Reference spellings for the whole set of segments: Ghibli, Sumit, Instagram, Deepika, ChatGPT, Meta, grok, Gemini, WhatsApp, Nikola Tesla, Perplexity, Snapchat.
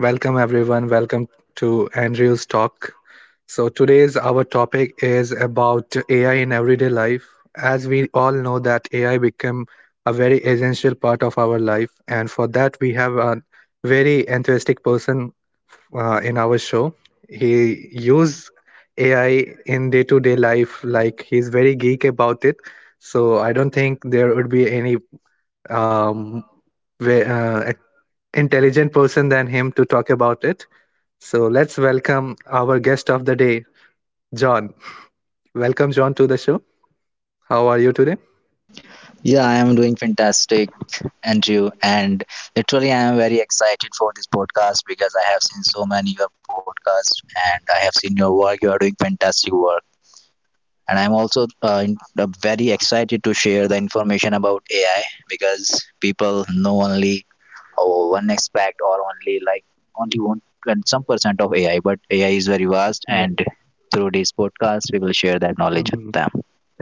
Welcome everyone. Welcome to Andrew's talk. So today's our topic is about AI in everyday life. As we all know that AI become a very essential part of our life, and for that we have a very enthusiastic person in our show. He use AI in day to day life, like he's very geek about it. So I don't think there would be any um, ve- uh, intelligent person than him to talk about it. So let's welcome our guest of the day, John. Welcome, John, to the show. How are you today? Yeah, I am doing fantastic, Andrew, and literally I am very excited for this podcast because I have seen so many your podcasts and I have seen your work. You are doing fantastic work, and I'm also very excited to share the information about AI because people know only oh, one aspect or only one and some percent of AI, but AI is very vast, and Yeah. through this podcast we will share that knowledge with Hmm. them.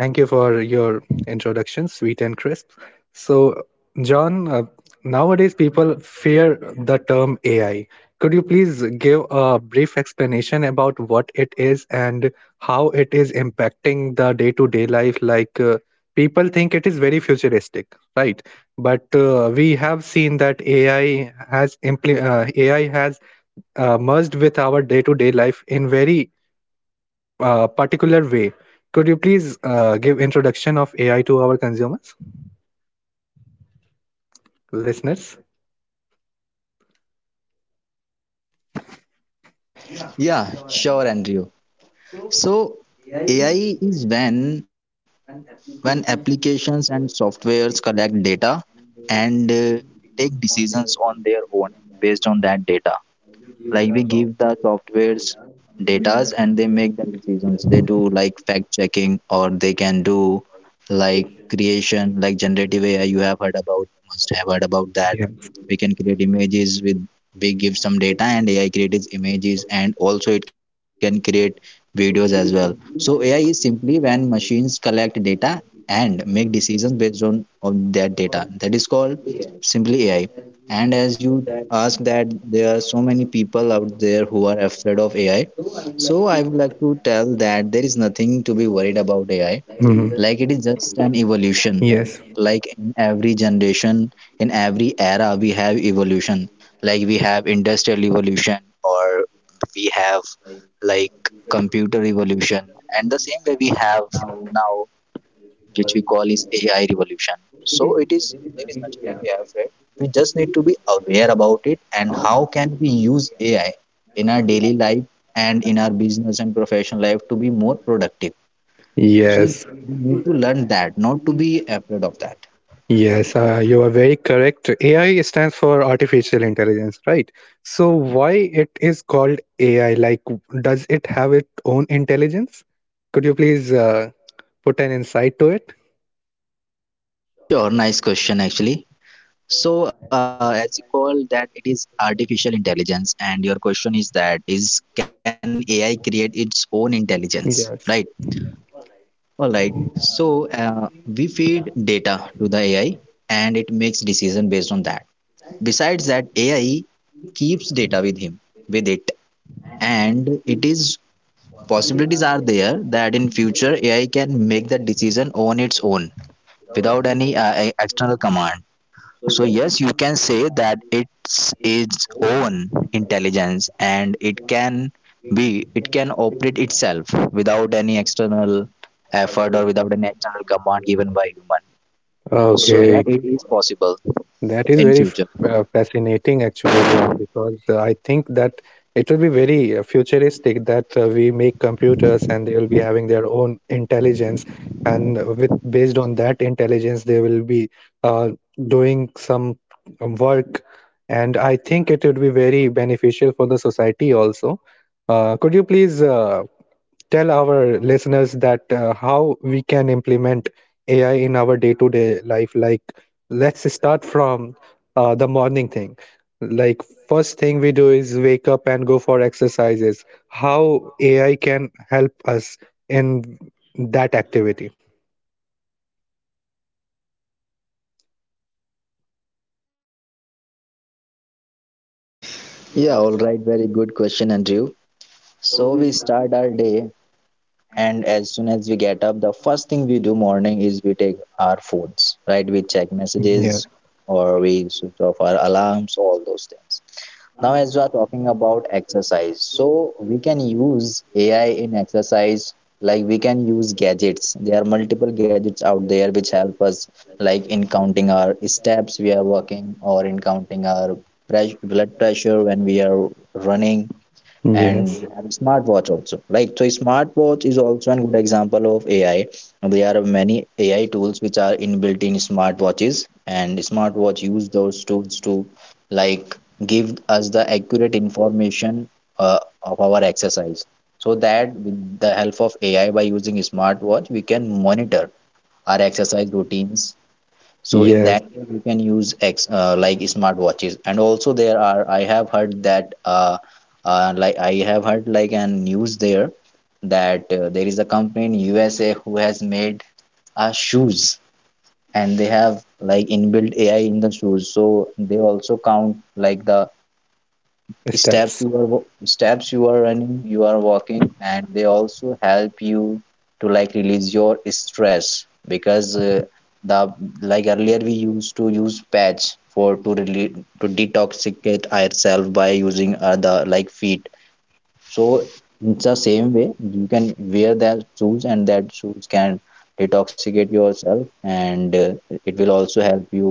Thank you for your introduction, sweet and crisp. So, John, nowadays people fear the term AI. Could you please give a brief explanation about what it is and how it is impacting the day to day life? Like, people think it is very futuristic, right? But we have seen that AI has merged with our day to day life in very particular way. Could you please give introduction of AI to our consumers, listeners? Yeah, sure, Andrew. So AI is when applications and softwares collect data and take decisions on their own based on that data, like we give the softwares datas and they make the decisions. They do like fact checking, or they can do like creation, like generative AI. You have heard about, must have heard about that. Yeah. We can create images with, we give some data and AI creates images, and also it can create videos as well. So AI is simply when machines collect data and make decisions based on that data. That is called simply AI. And as you ask, that there are so many people out there who are afraid of AI. So I would like to tell that there is nothing to be worried about AI. Mhm. Like it is just an evolution. Yes. Like in every generation, in every era, we have evolution. Like we have industrial evolution, or we have like computer evolution, and the same way we have now which we call is AI revolution. So it is, there is nothing to be afraid. We just need to be aware about it and how can we use AI in our daily life and in our business and professional life to be more productive. So Yes. we need to learn that, not to be afraid of that. Yes, you are very correct. AI stands for artificial intelligence, right? So why it is called AI? Like, does it have its own intelligence? Could you please put an insight to it? Sure, nice question actually. So as you call that, it is artificial intelligence, and your question is that is, can AI create its own intelligence, right? Yes. All right. So we feed data to the AI and it makes decision based on that. Besides that, AI keeps data with him, with it, and it is, possibilities are there that in future AI can make the decision on its own without any external command. So yes, you can say that it's its own intelligence and it can be, it can operate itself without any external effort or without any external command given by human. So yeah, Okay, it is possible that is in very future. Fascinating, actually, John, because I think that it will be very futuristic that we make computers and they will be having their own intelligence, and with based on that intelligence, they will be uh, doing some work, and I think it would be very beneficial for the society also. Could you please tell our listeners that how we can implement AI in our day-to-day life. Like, let's start from the morning thing. Like, first thing we do is wake up and go for exercises. How AI can help us in that activity? Yeah, all right, very good question, Andrew. So we start our day, and as soon as we get up, the first thing we do morning is we take our phones, right? We check Yeah. messages or we switch off our alarms, all those things. Now, as we are talking about exercise, so we can use AI in exercise, like we can use gadgets. There are multiple gadgets out there which help us, like in counting our steps we are walking, or in counting our pres blood pressure when we are running, and Yes. we have a smartwatch also, right? So a smartwatch is also a good example of AI. There are many AI tools which are inbuilt in smartwatches, and smartwatch use those tools to like give us the accurate information of our exercise, so that with the help of AI, by using smartwatch, we can monitor our exercise routines. So in that Yes. way, you can use X like smartwatches. And also there are, I have heard that I have heard like a news there that there is a company in USA who has made shoes, and they have like inbuilt AI in the shoes. So they also count like the Steps. Steps you are running, you are walking, and they also help you to like release your stress, because the like earlier we used to use patch for to rele to detoxicate ourselves by using the like feet. So it's the same way you can wear that shoes and that shoes can detoxicate yourself, and it will also help you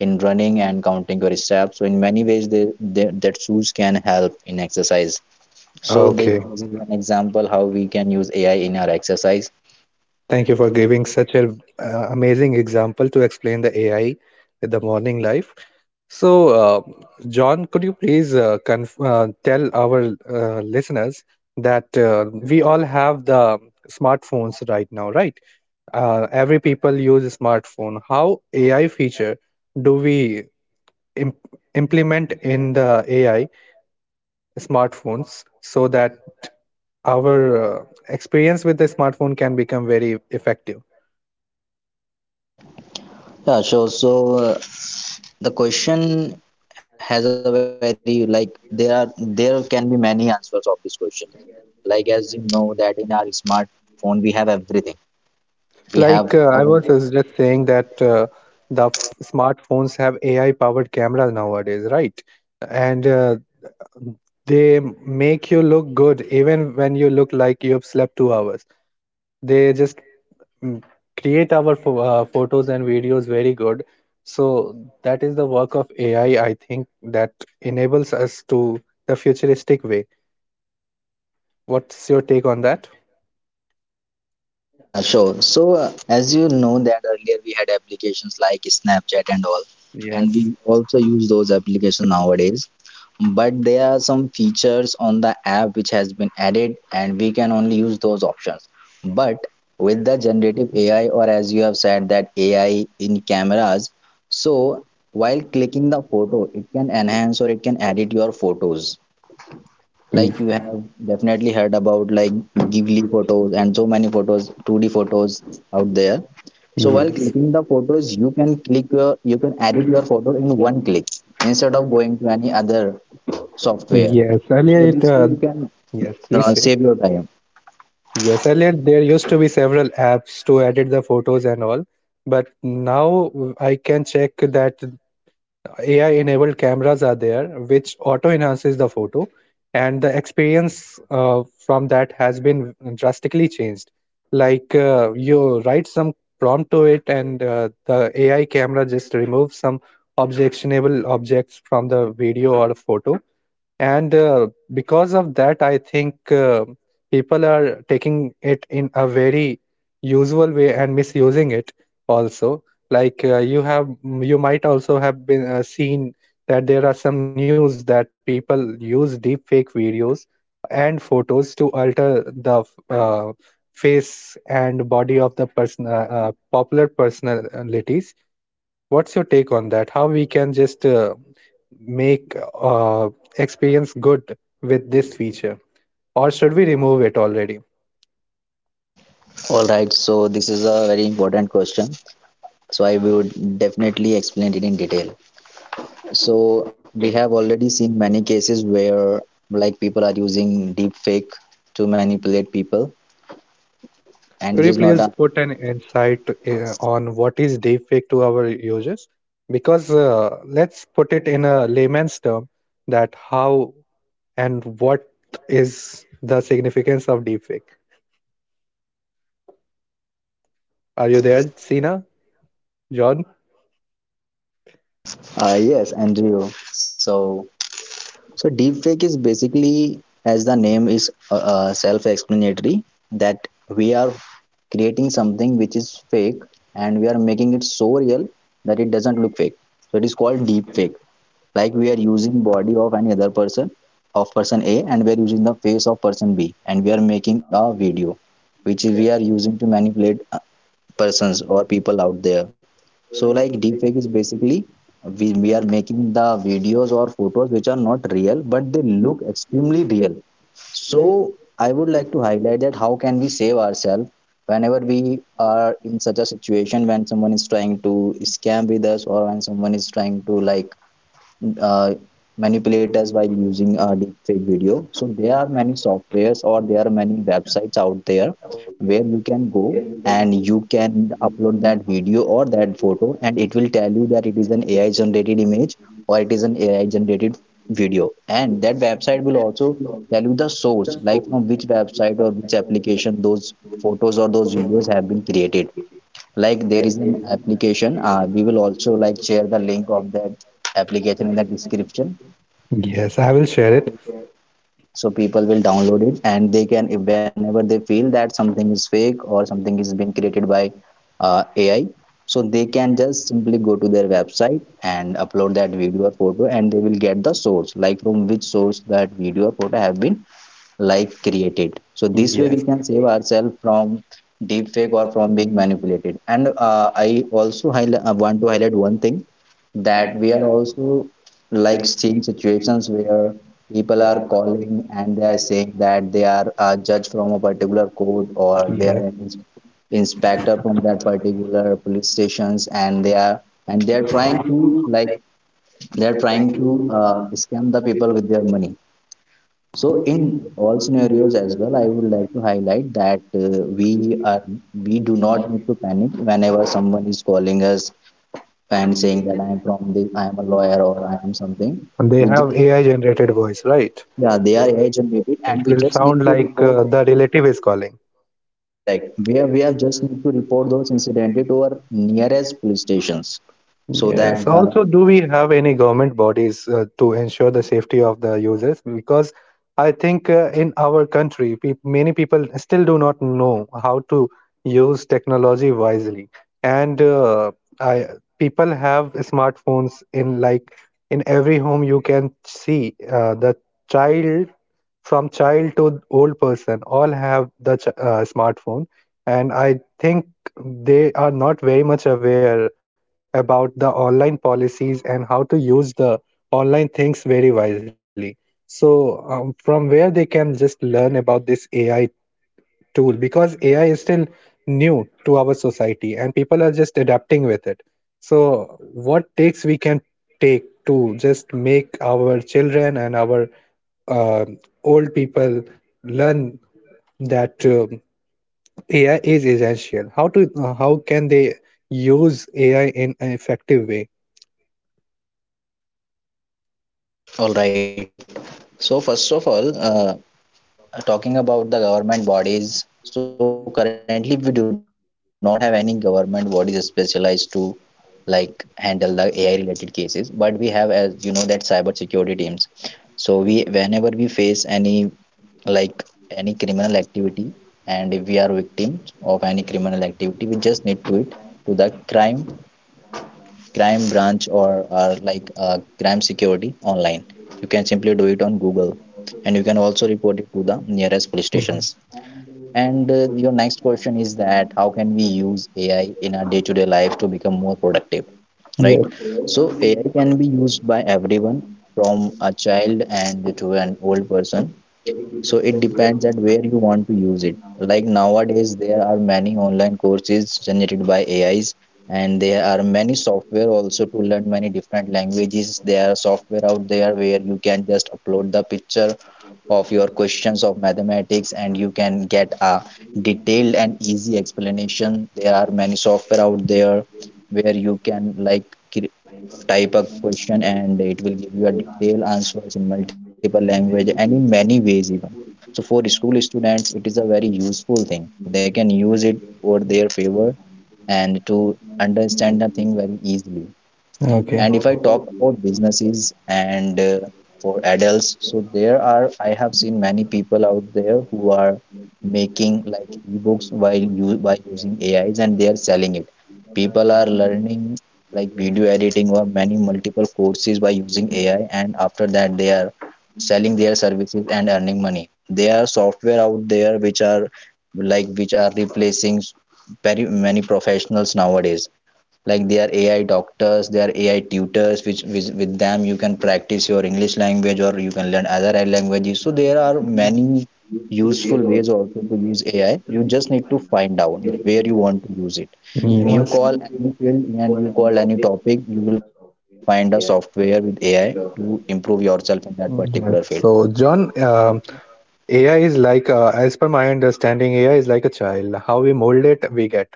in running and counting your steps. So in many ways the that shoes can help in exercise. So this Okay. is an example how we can use AI in our exercise. Thank you for giving such an amazing example to explain the AI with the morning life. So, John, could you please tell our listeners that we all have the smartphones right now, right? Every people use a smartphone. How AI feature do we imp- implement in the AI smartphones so that our experience with the smartphone can become very effective? Yeah, sure. So uh, the question has a very like, there are, there can be many answers of this question. Like as you know that in our smartphone we have everything. We have Like I all. was just saying that the smartphones have AI-powered cameras nowadays, right? And they make you look good even when you look like you have slept 2 hours. They just mm, create our photos and videos very good. So that is the work of AI, I think, that enables us to the futuristic way. What's your take on that? Yeah, sure. So, as you know that earlier we had applications like Snapchat and all, and Yes. we also use those applications nowadays. But there are some features on the app which has been added, and we can only use those options. But with the generative AI, or as you have said, that AI in cameras, so while clicking the photo, it can enhance or it can edit your photos. Like you have definitely heard about like Ghibli photos and so many photos, 2D photos out there. So while Yes. clicking the photos, you can click your, you can edit your photo in one click instead of going to any other software. Yes. Earlier So it this way you can Yes, please say. save your time. Yes, earlier there used to be several apps to edit the photos and all, but now I can check that AI enabled cameras are there, which auto enhances the photo, and the experience from that has been drastically changed. Like you write some prompt to it, and the AI camera just removes some objectionable objects from the video or photo, and because of that I think people are taking it in a very usual way and misusing it also. Like you might also have been seen that there are some news that people use deep fake videos and photos to alter the uh, face and body of the person, popular personalities. What's your take on that? How we can just make experience good with this feature, or should we remove it already? All right. So this is a very important question. So I would definitely explain it in detail. So we have already seen many cases where like people are using deepfake to manipulate people, and this Could you is not please a put an insight on what is deepfake to our users? Because let's put it in a layman's term that how and what is the significance of deepfake? Are you there, Sina? John? Yes NGO. So so deepfake is basically, as the name is self-explanatory, that we are creating something which is fake and we are making it so real that it doesn't look fake. So it is called deepfake. Like we are using body of any other person, of person A, and we are using the face of person B, and we are making a video which we are using to manipulate persons or people out there. So like deepfake is basically, we are making the videos or photos which are not real but they look extremely real. So I would like to highlight that how can we save ourselves whenever we are in such a situation when someone is trying to scam with us or when someone is trying to like uh, manipulate us while using a deepfake video. So there are many softwares or there are many websites out there where you can go and you can upload that video or that photo, and it will tell you that it is an AI generated image or it is an AI generated video. And that website will also tell you the source, like from which website or which application those photos or those videos have been created. Like there is an application. We will also like share the link of that application in the description. Yes, I will share it. So people will download it and they can, if whenever they feel that something is fake or something is being created by AI, so they can just simply go to their website and upload that video or photo and they will get the source, like from which source that video or photo have been like created. So this way we Yes. can save ourselves from deep fake or from being manipulated, and I also highlight want to highlight one thing, that we are also like seeing situations where people are calling and they are saying that they are a judge from a particular court or they Yeah. are an inspector from that particular police stations, and they are, and they are trying to like, they are trying to scam the people with their money. So in all scenarios as well, I would like to highlight that we are, we do not need to panic whenever someone is calling us and saying that I am from the, I am a lawyer or I am something. They We yeah. Just have AI generated voice, right? yeah, they are Mm. AI generated It and we will just need sound to like report. The relative is calling. Correct. We have just need to report those incident to our nearest police stations so Yes. that the, Also, do we have any government bodies to ensure the safety of the users? Because I think in our country, peop many people still do not know how to use technology wisely, and I people have smartphones in every home. You can see the child from child to old person all have the smartphone, and I think they are not very much aware about the online policies and how to use the online things very wisely. So, from where they can just learn about this AI tool because AI is still new to our society and people are just adapting with it. So, what takes we can take to just make our children and our uh, old people learn that AI is essential. How can they use AI in an effective way? all right. So first of all, talking about the government bodies, so currently we do not have any government bodies specialized to like handle the AI related cases, but we have, as you know, that cyber security teams. So we whenever we face any like any criminal activity, and if we are victims of any criminal activity, we just need to it to the crime branch, or like crime security online, you can simply do it on Google, and you can also report it to the nearest police Mhm. stations. And your next question is that how can we use AI in our day-to-day life to become more productive, Yeah. right? So AI can be used by everyone, from a child and to an old person. So it depends at where you want to use it. Like nowadays, there are many online courses generated by AIs, and there are many software also to learn many different languages. There are software out there where you can just upload the picture of your questions of mathematics and you can get a detailed and easy explanation. There are many software out there where you can like cre- type a question and it will give you a detailed answers in multiple language and in many ways even so for school students, it is a very useful thing. They can use it for their favor and to understand the thing very easily. Okay. And if I talk about businesses and for adults, so there are, I have seen many people out there who are making like ebooks while you by using AIs and they are selling it. People are learning like video editing or many multiple courses by using AI, and after that they are selling their services and earning money. There are software out there which are which are replacing very many professionals nowadays, like there are AI doctors, there are AI tutors which with them you can practice your English language or you can learn other languages. So there are many useful ways also to use AI. You just need to find out that where you want to use it, and you Yes. call any field and you call any topic, you will find a software with AI to improve yourself in that particular field. Yeah. So, John, AI is like, as per my understanding, AI is like a child. How we mold it, we get.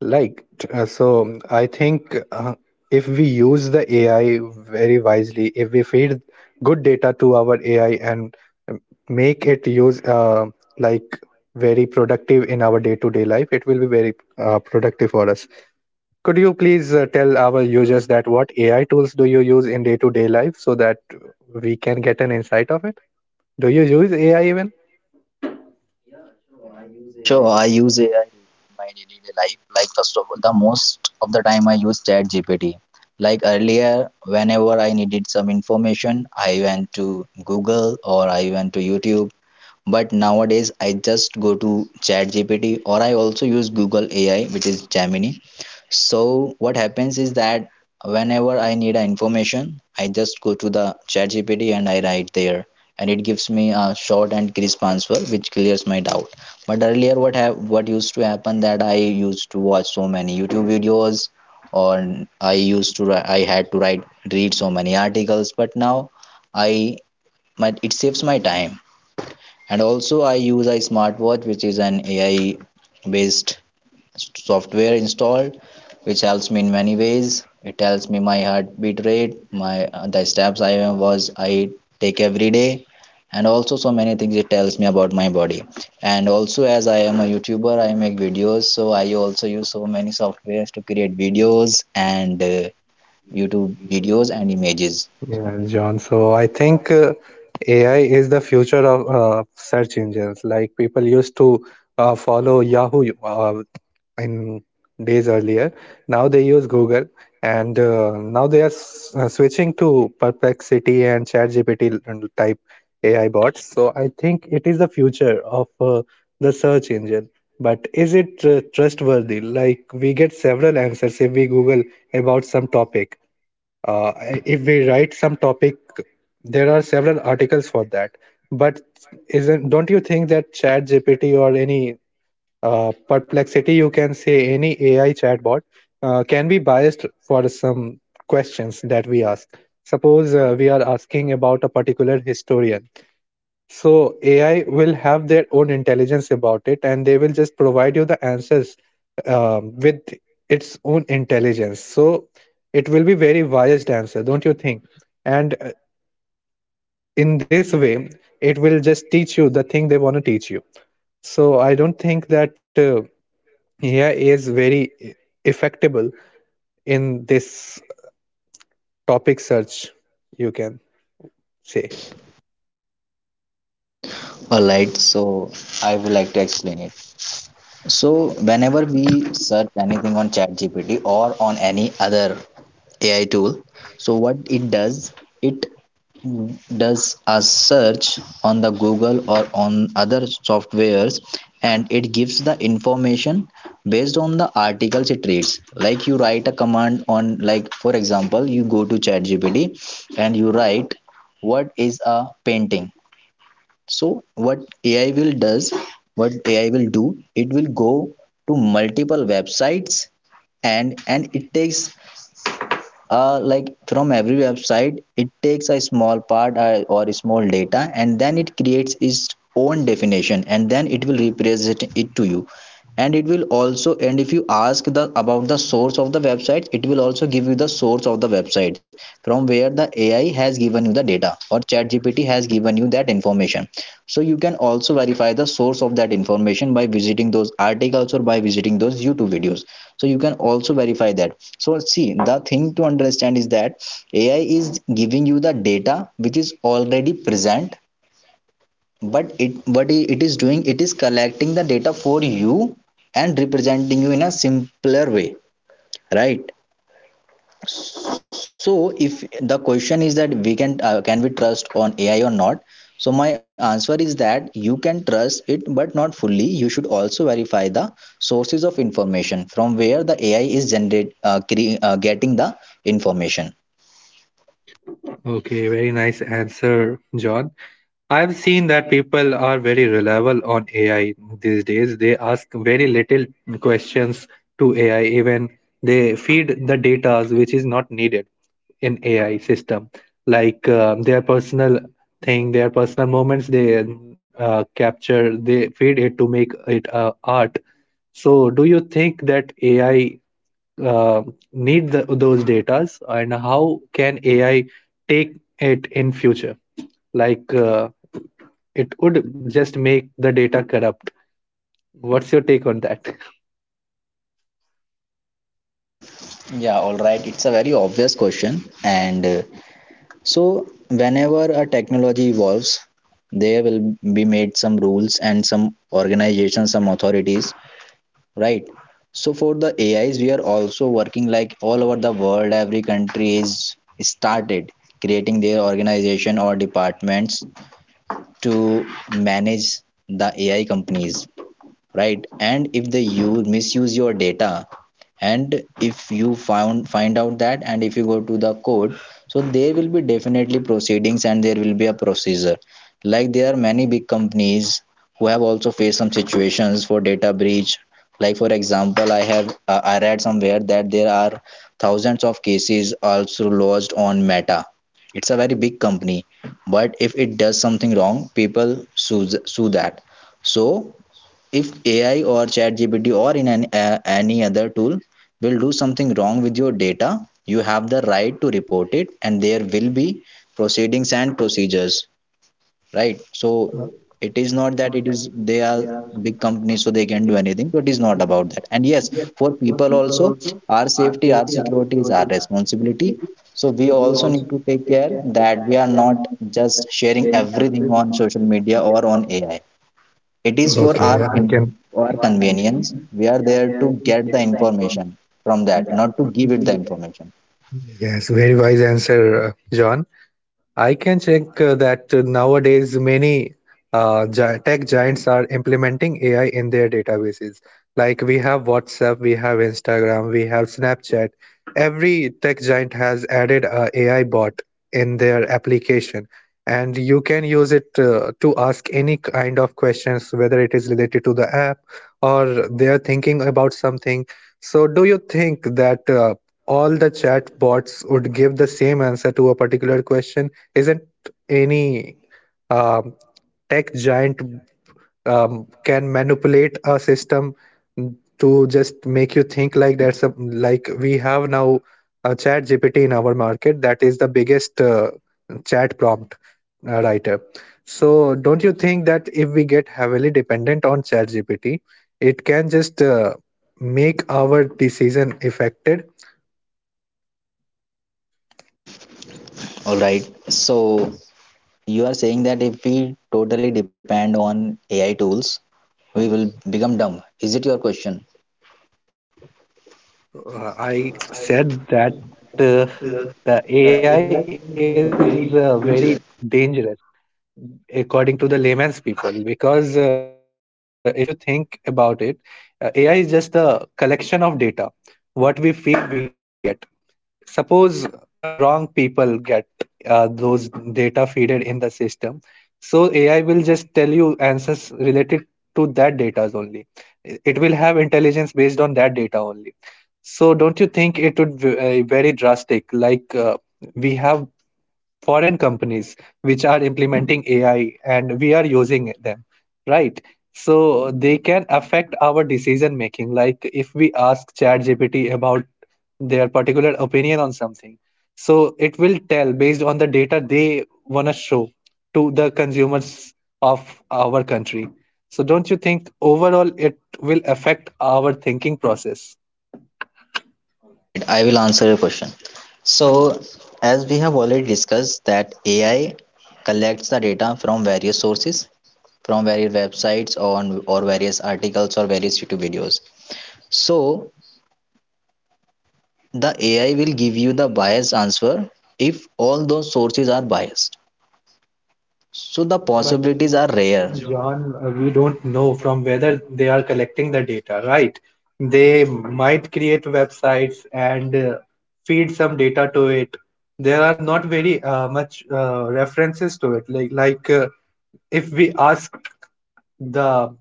Like, so I think if we use the AI very wisely, if we feed good data to our AI and um, make it use like very productive in our day-to-day life, it will be very productive for us. Could you please tell our users that what AI tools do you use in day-to-day life so that we can get an insight of it? Do you use AI even? Sure, I use AI in my daily life. Like first of all, the most of the time I use ChatGPT. Like earlier, whenever I needed some information, I went to Google or I went to YouTube, but nowadays I just go to ChatGPT or I also use Google AI, which is Gemini. So what happens is that whenever I need information, I just go to the ChatGPT and I write there, and it gives me a short and crisp answer which clears my doubt. But earlier what have what used to happen that I used to watch so many YouTube videos, or I used to I had to write read so many articles. But now I my, it saves my time. And also I use a smartwatch which is an AI based software installed, which helps me in many ways. It tells me my heartbeat rate, my the steps I take every day, and also so many things it tells me about my body. And also, as I am a YouTuber, I make videos, so I also use so many softwares to create videos and YouTube videos and images. Yeah, John. So I think AI is the future of search engines. Like people used to follow Yahoo in days earlier. Now they use Google, and now they are switching to Perplexity and ChatGPT type AI bots. So I think it is the future of the search engine. But is it trustworthy? Like we get several answers if we Google about some topic, uh, if we write some topic there are several articles for that. But isn't don't you think that chat GPT or any, perplexity, you can say any AI chatbot can be biased for some questions that we ask? Suppose we are asking about a particular historian, so AI will have their own intelligence about it, and they will just provide you the answers, with its own intelligence. So it will be very biased answer, don't you think? And in this way, it will just teach you the thing they want to teach you. So I don't think that AI is very effectable in this topic search. You can say. All right, so I would like to explain it. So whenever we search anything on ChatGPT or on any other AI tool, so what it does a search on the Google or on other softwares, and it gives the information based on the articles it reads. Like you write a command on, like for example, you go to ChatGPT and you write what is a painting. So what ai will do, it will go to multiple websites, and it takes like from every website it takes a small part, or a small data, and then it creates its own definition and then it will represent it to you. And it will also, and if you ask the about the source of the website, it will also give you the source of the website from where the AI has given you the data, or ChatGPT has given you that information. So you can also verify the source of that information by visiting those articles or by visiting those YouTube videos, so you can also verify that. So see, the thing to understand is that AI is giving you the data which is already present, but it, what it is doing, it is collecting the data for you and representing you in a simpler way, right? So if the question is that we can we trust on AI or not, so my answer is that you can trust it, but not fully. You should also verify the sources of information from where the AI is getting the information. Okay, very nice answer, John. I've seen that people are very reliable on AI these days. They ask very little questions to AI, even they feed the data which is not needed in AI system, like their personal thing, their personal moments they capture, they feed it to make it art. So, do you think that AI uh, need those datas, and how can AI take it in future? Like. It would just make the data corrupt. What's your take on that? Yeah, all right, it's a very obvious question, and so whenever a technology evolves, there will be made some rules and some organizations, some authorities, right? So for the AIs, we are also working like all over the world. Every country is started creating their organization or departments to manage the AI companies, right? And if they use misuse your data, and if you found find out that, and if you go to the court, so there will be definitely proceedings and there will be a procedure. Like there are many big companies who have also faced some situations for data breach. Like for example, I read somewhere that there are thousands of cases also lodged on Meta. It's a very big company, but if it does something wrong, people sue that. So if AI or ChatGPT or any other tool will do something wrong with your data, you have the right to report it, and there will be proceedings and procedures, right? So it is not that it is, they are big companies so they can do anything, but it is not about that. And yes, for people also, our safety, our security is our responsibility. So we also need to take care that we are not just sharing everything on social media or on AI. It is for Okay, our, I can. in our convenience. We are there to get the information from that, not to give it the information. Yes, very wise answer, John. I can check that nowadays many tech giants are implementing AI in their databases. Like we have WhatsApp, we have Instagram, we have Snapchat. Every tech giant has added a AI bot in their application, you can use it to ask any kind of questions, whether it is related to the app or they are thinking about something. So, do you think that all the chat bots would give the same answer to a particular question? Isn't any, um, tech giant, can manipulate a system to just make you think like like we have now a chat GPT in our market that is the biggest, chat prompt writer, so don't you think that if we get heavily dependent on chat GPT it can just make our decision affected? All right. So you are saying that if we totally depend on AI tools, we will become dumb. Is it your question? I said that uh, the AI is very dangerous, according to the layman's people, because if you think about it, AI is just a collection of data. What we feel, we get. Suppose some wrong people get those data feeded in the system, so AI will just tell you answers related to that data only. It will have intelligence based on that data only. So don't you think it would be very drastic? Like we have foreign companies which are implementing AI and we are using them, right? So they can affect our decision making. Like if we ask ChatGPT about their particular opinion on something, so it will tell based on the data they want to show to the consumers of our country. So don't you think overall it will affect our thinking process? All right, I will answer your question. So as we have already discussed that AI collects the data from various sources, from various websites or various articles or various YouTube videos. So the AI will give you the biased answer if all those sources are biased. So the But possibilities are rare. John, we don't know from whether they are collecting the data, right? They might create websites and feed some data to it. There are not very much references to it. If we ask the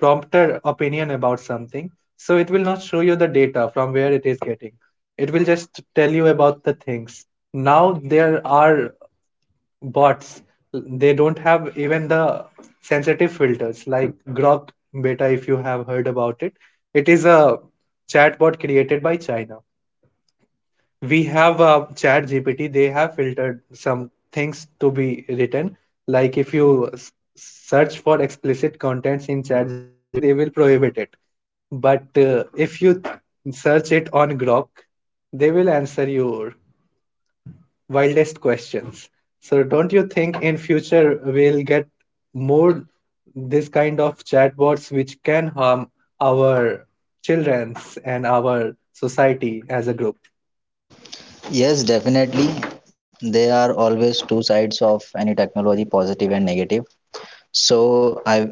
prompter opinion about something, so it will not show you the data from where it is getting. It will just tell you about the things. Now there are bots, they don't have even the sensitive filters like Grok beta, if you have heard about it. It is a chatbot created by China. We have a chat GPT, they have filtered some things to be written. Like if you search for explicit contents in chat GPT, they will prohibit it. But if you search it on Grok, they will answer you wildest questions. So don't you think in future we'll get more this kind of chatbots which can harm our children and our society as a group? Yes, definitely. There are always two sides of any technology, positive and negative. So I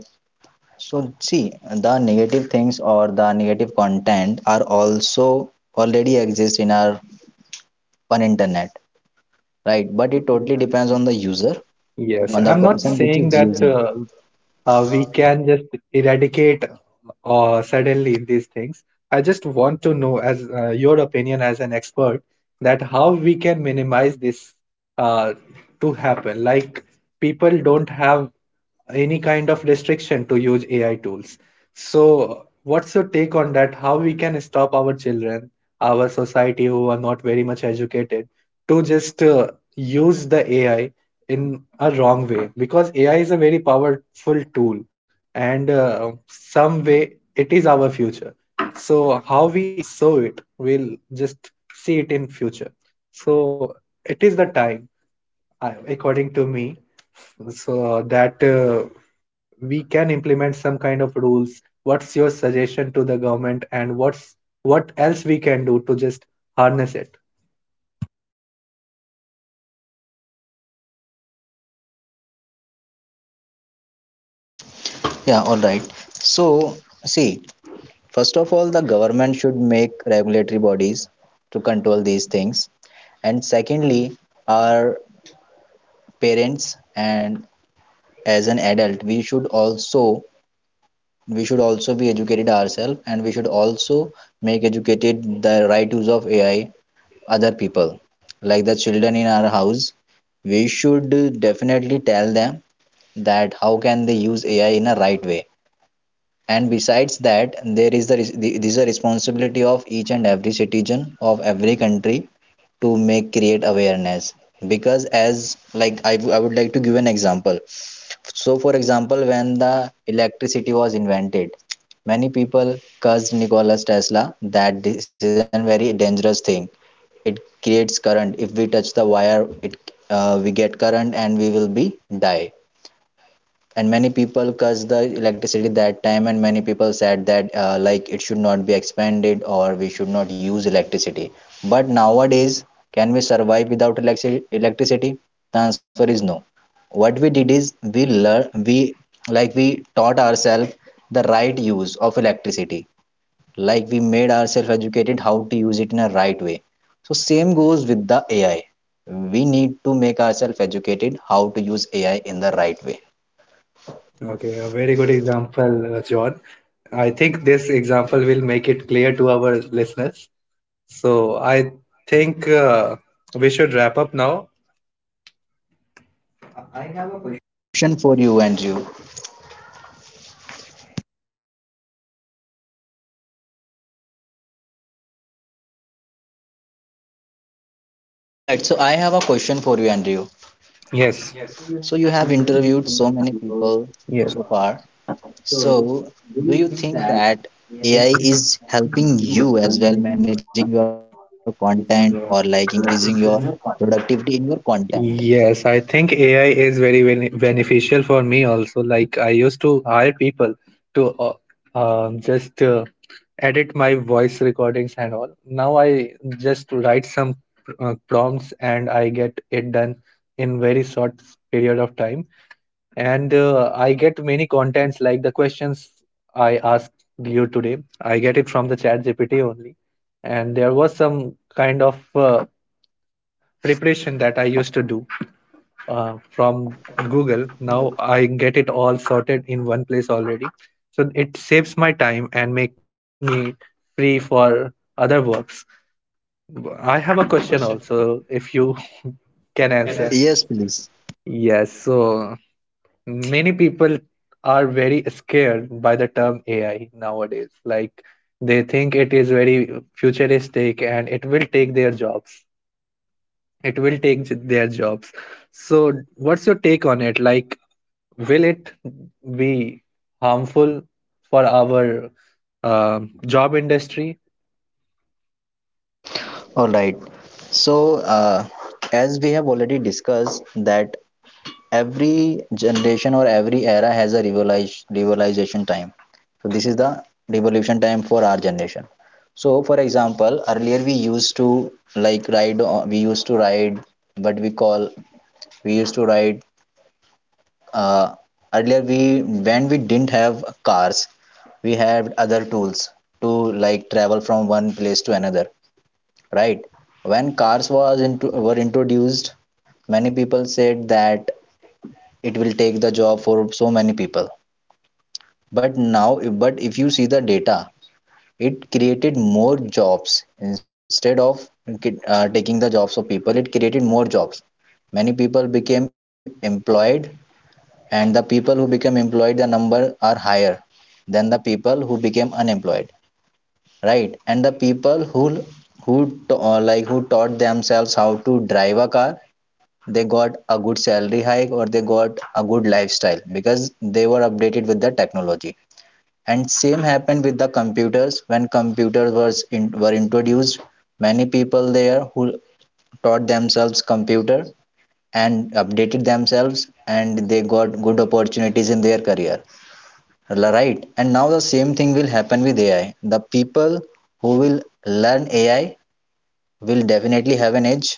so see, the negative things or the negative content are also already exist in our on internet, right? But it totally depends on the user, Yes, on the I'm not person which saying is that using. We can just eradicate suddenly these things. I just want to know, as your opinion as an expert, that how we can minimize this uh, to happen. Like people don't have any kind of restriction to use AI tools. So, what's your take on that? How we can stop our children, our society who are not very much educated to just use the AI in a wrong way, because AI is a very powerful tool and some way it is our future. So how we sow it, we'll just see it in future. So it is the time, according to me, so that we can implement some kind of rules. What's your suggestion to the government and what else we can do to just harness it? Yeah, all right. So see, first of all, the government should make regulatory bodies to control these things. And secondly, our parents and as an adult, we should also, we should also be educated ourselves, and we should also make educated the right use of AI other people, like the children in our house. We should definitely tell them that how can they use AI in a right way. And besides that, there is the, res- the this is a responsibility of each and every citizen of every country to make, create awareness. Because as like I would like to give an example. So for example, when the electricity was invented, many people cursed Nikola Tesla that this is a very dangerous thing. It creates current. If we touch the wire, it we get current and we will be die. And many people cursed the electricity that time, and many people said that like it should not be expanded or we should not use electricity. But nowadays, can we survive without electricity? The answer is no. What we did is we learn we like we taught ourselves the right use of electricity, like we made ourselves educated how to use it in a right way. So same goes with the AI. We need to make ourselves educated how to use AI in the right way. Okay, a very good example, John. I think this example will make it clear to our listeners. So I think we should wrap up now. A question for you, Andrew. All right, so I have a question for you, Andrew. Yes. So you have interviewed so many people Yes. so far. So do you think that AI is helping you as well, managing your content or like increasing your productivity in your content? Yes, I think AI is very beneficial for me also. Like I used to hire people to just edit my voice recordings and all. Now I just write some prompts and I get it done in very short period of time. And I get many contents like the questions I asked you today. I get it from the chat GPT only. And there was some kind of preparation that I used to do from Google. Now I get it all sorted in one place already. So it saves my time and make me free for other works. I have a question also if you can answer. Yes, please. Yes, so many people are very scared by the term AI nowadays. Like they think it is very futuristic and it will take their jobs. It will take their jobs. So, what's your take on it? Like, will it be harmful for our job industry, All right. So, as we have already discussed that every generation or every era has a revolutionization time. So this is the revolution time for our generation. So for example, earlier we used to ride, what we call, we used to ride. Uh, earlier we, when we didn't have cars, we had other tools to like travel from one place to another, right? When cars was into were introduced, many people said that it will take the job for so many people. But now, but if you see the data, it created more jobs. Instead of taking the jobs of people, it created more jobs. Many people became employed, and the people who became employed, the number are higher than the people who became unemployed, right? And the people who like who taught themselves how to drive a car, they got a good salary hike or they got a good lifestyle because they were updated with the technology. And same happened with the computers. When computers were introduced, many people there who taught themselves computer and updated themselves, and they got good opportunities in their career, right? And now the same thing will happen with AI. The people who will learn AI will definitely have an edge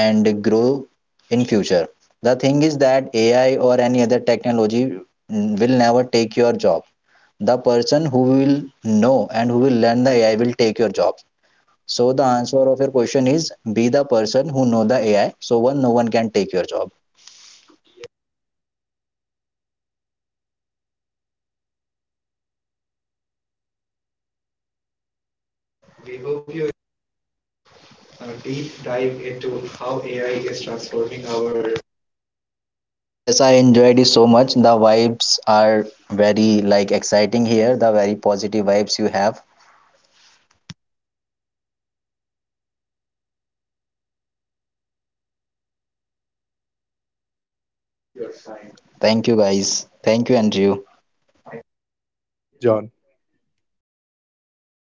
and grow in future. The thing is that AI or any other technology will never take your job. The person who will know and who will learn the AI will take your job. So the answer of your question is, be the person who know the AI so one no one can take your job. Yes, I enjoyed it so much. The vibes are very like exciting here, the very positive vibes you have. Thank you, guys. Thank you, Andrew. John?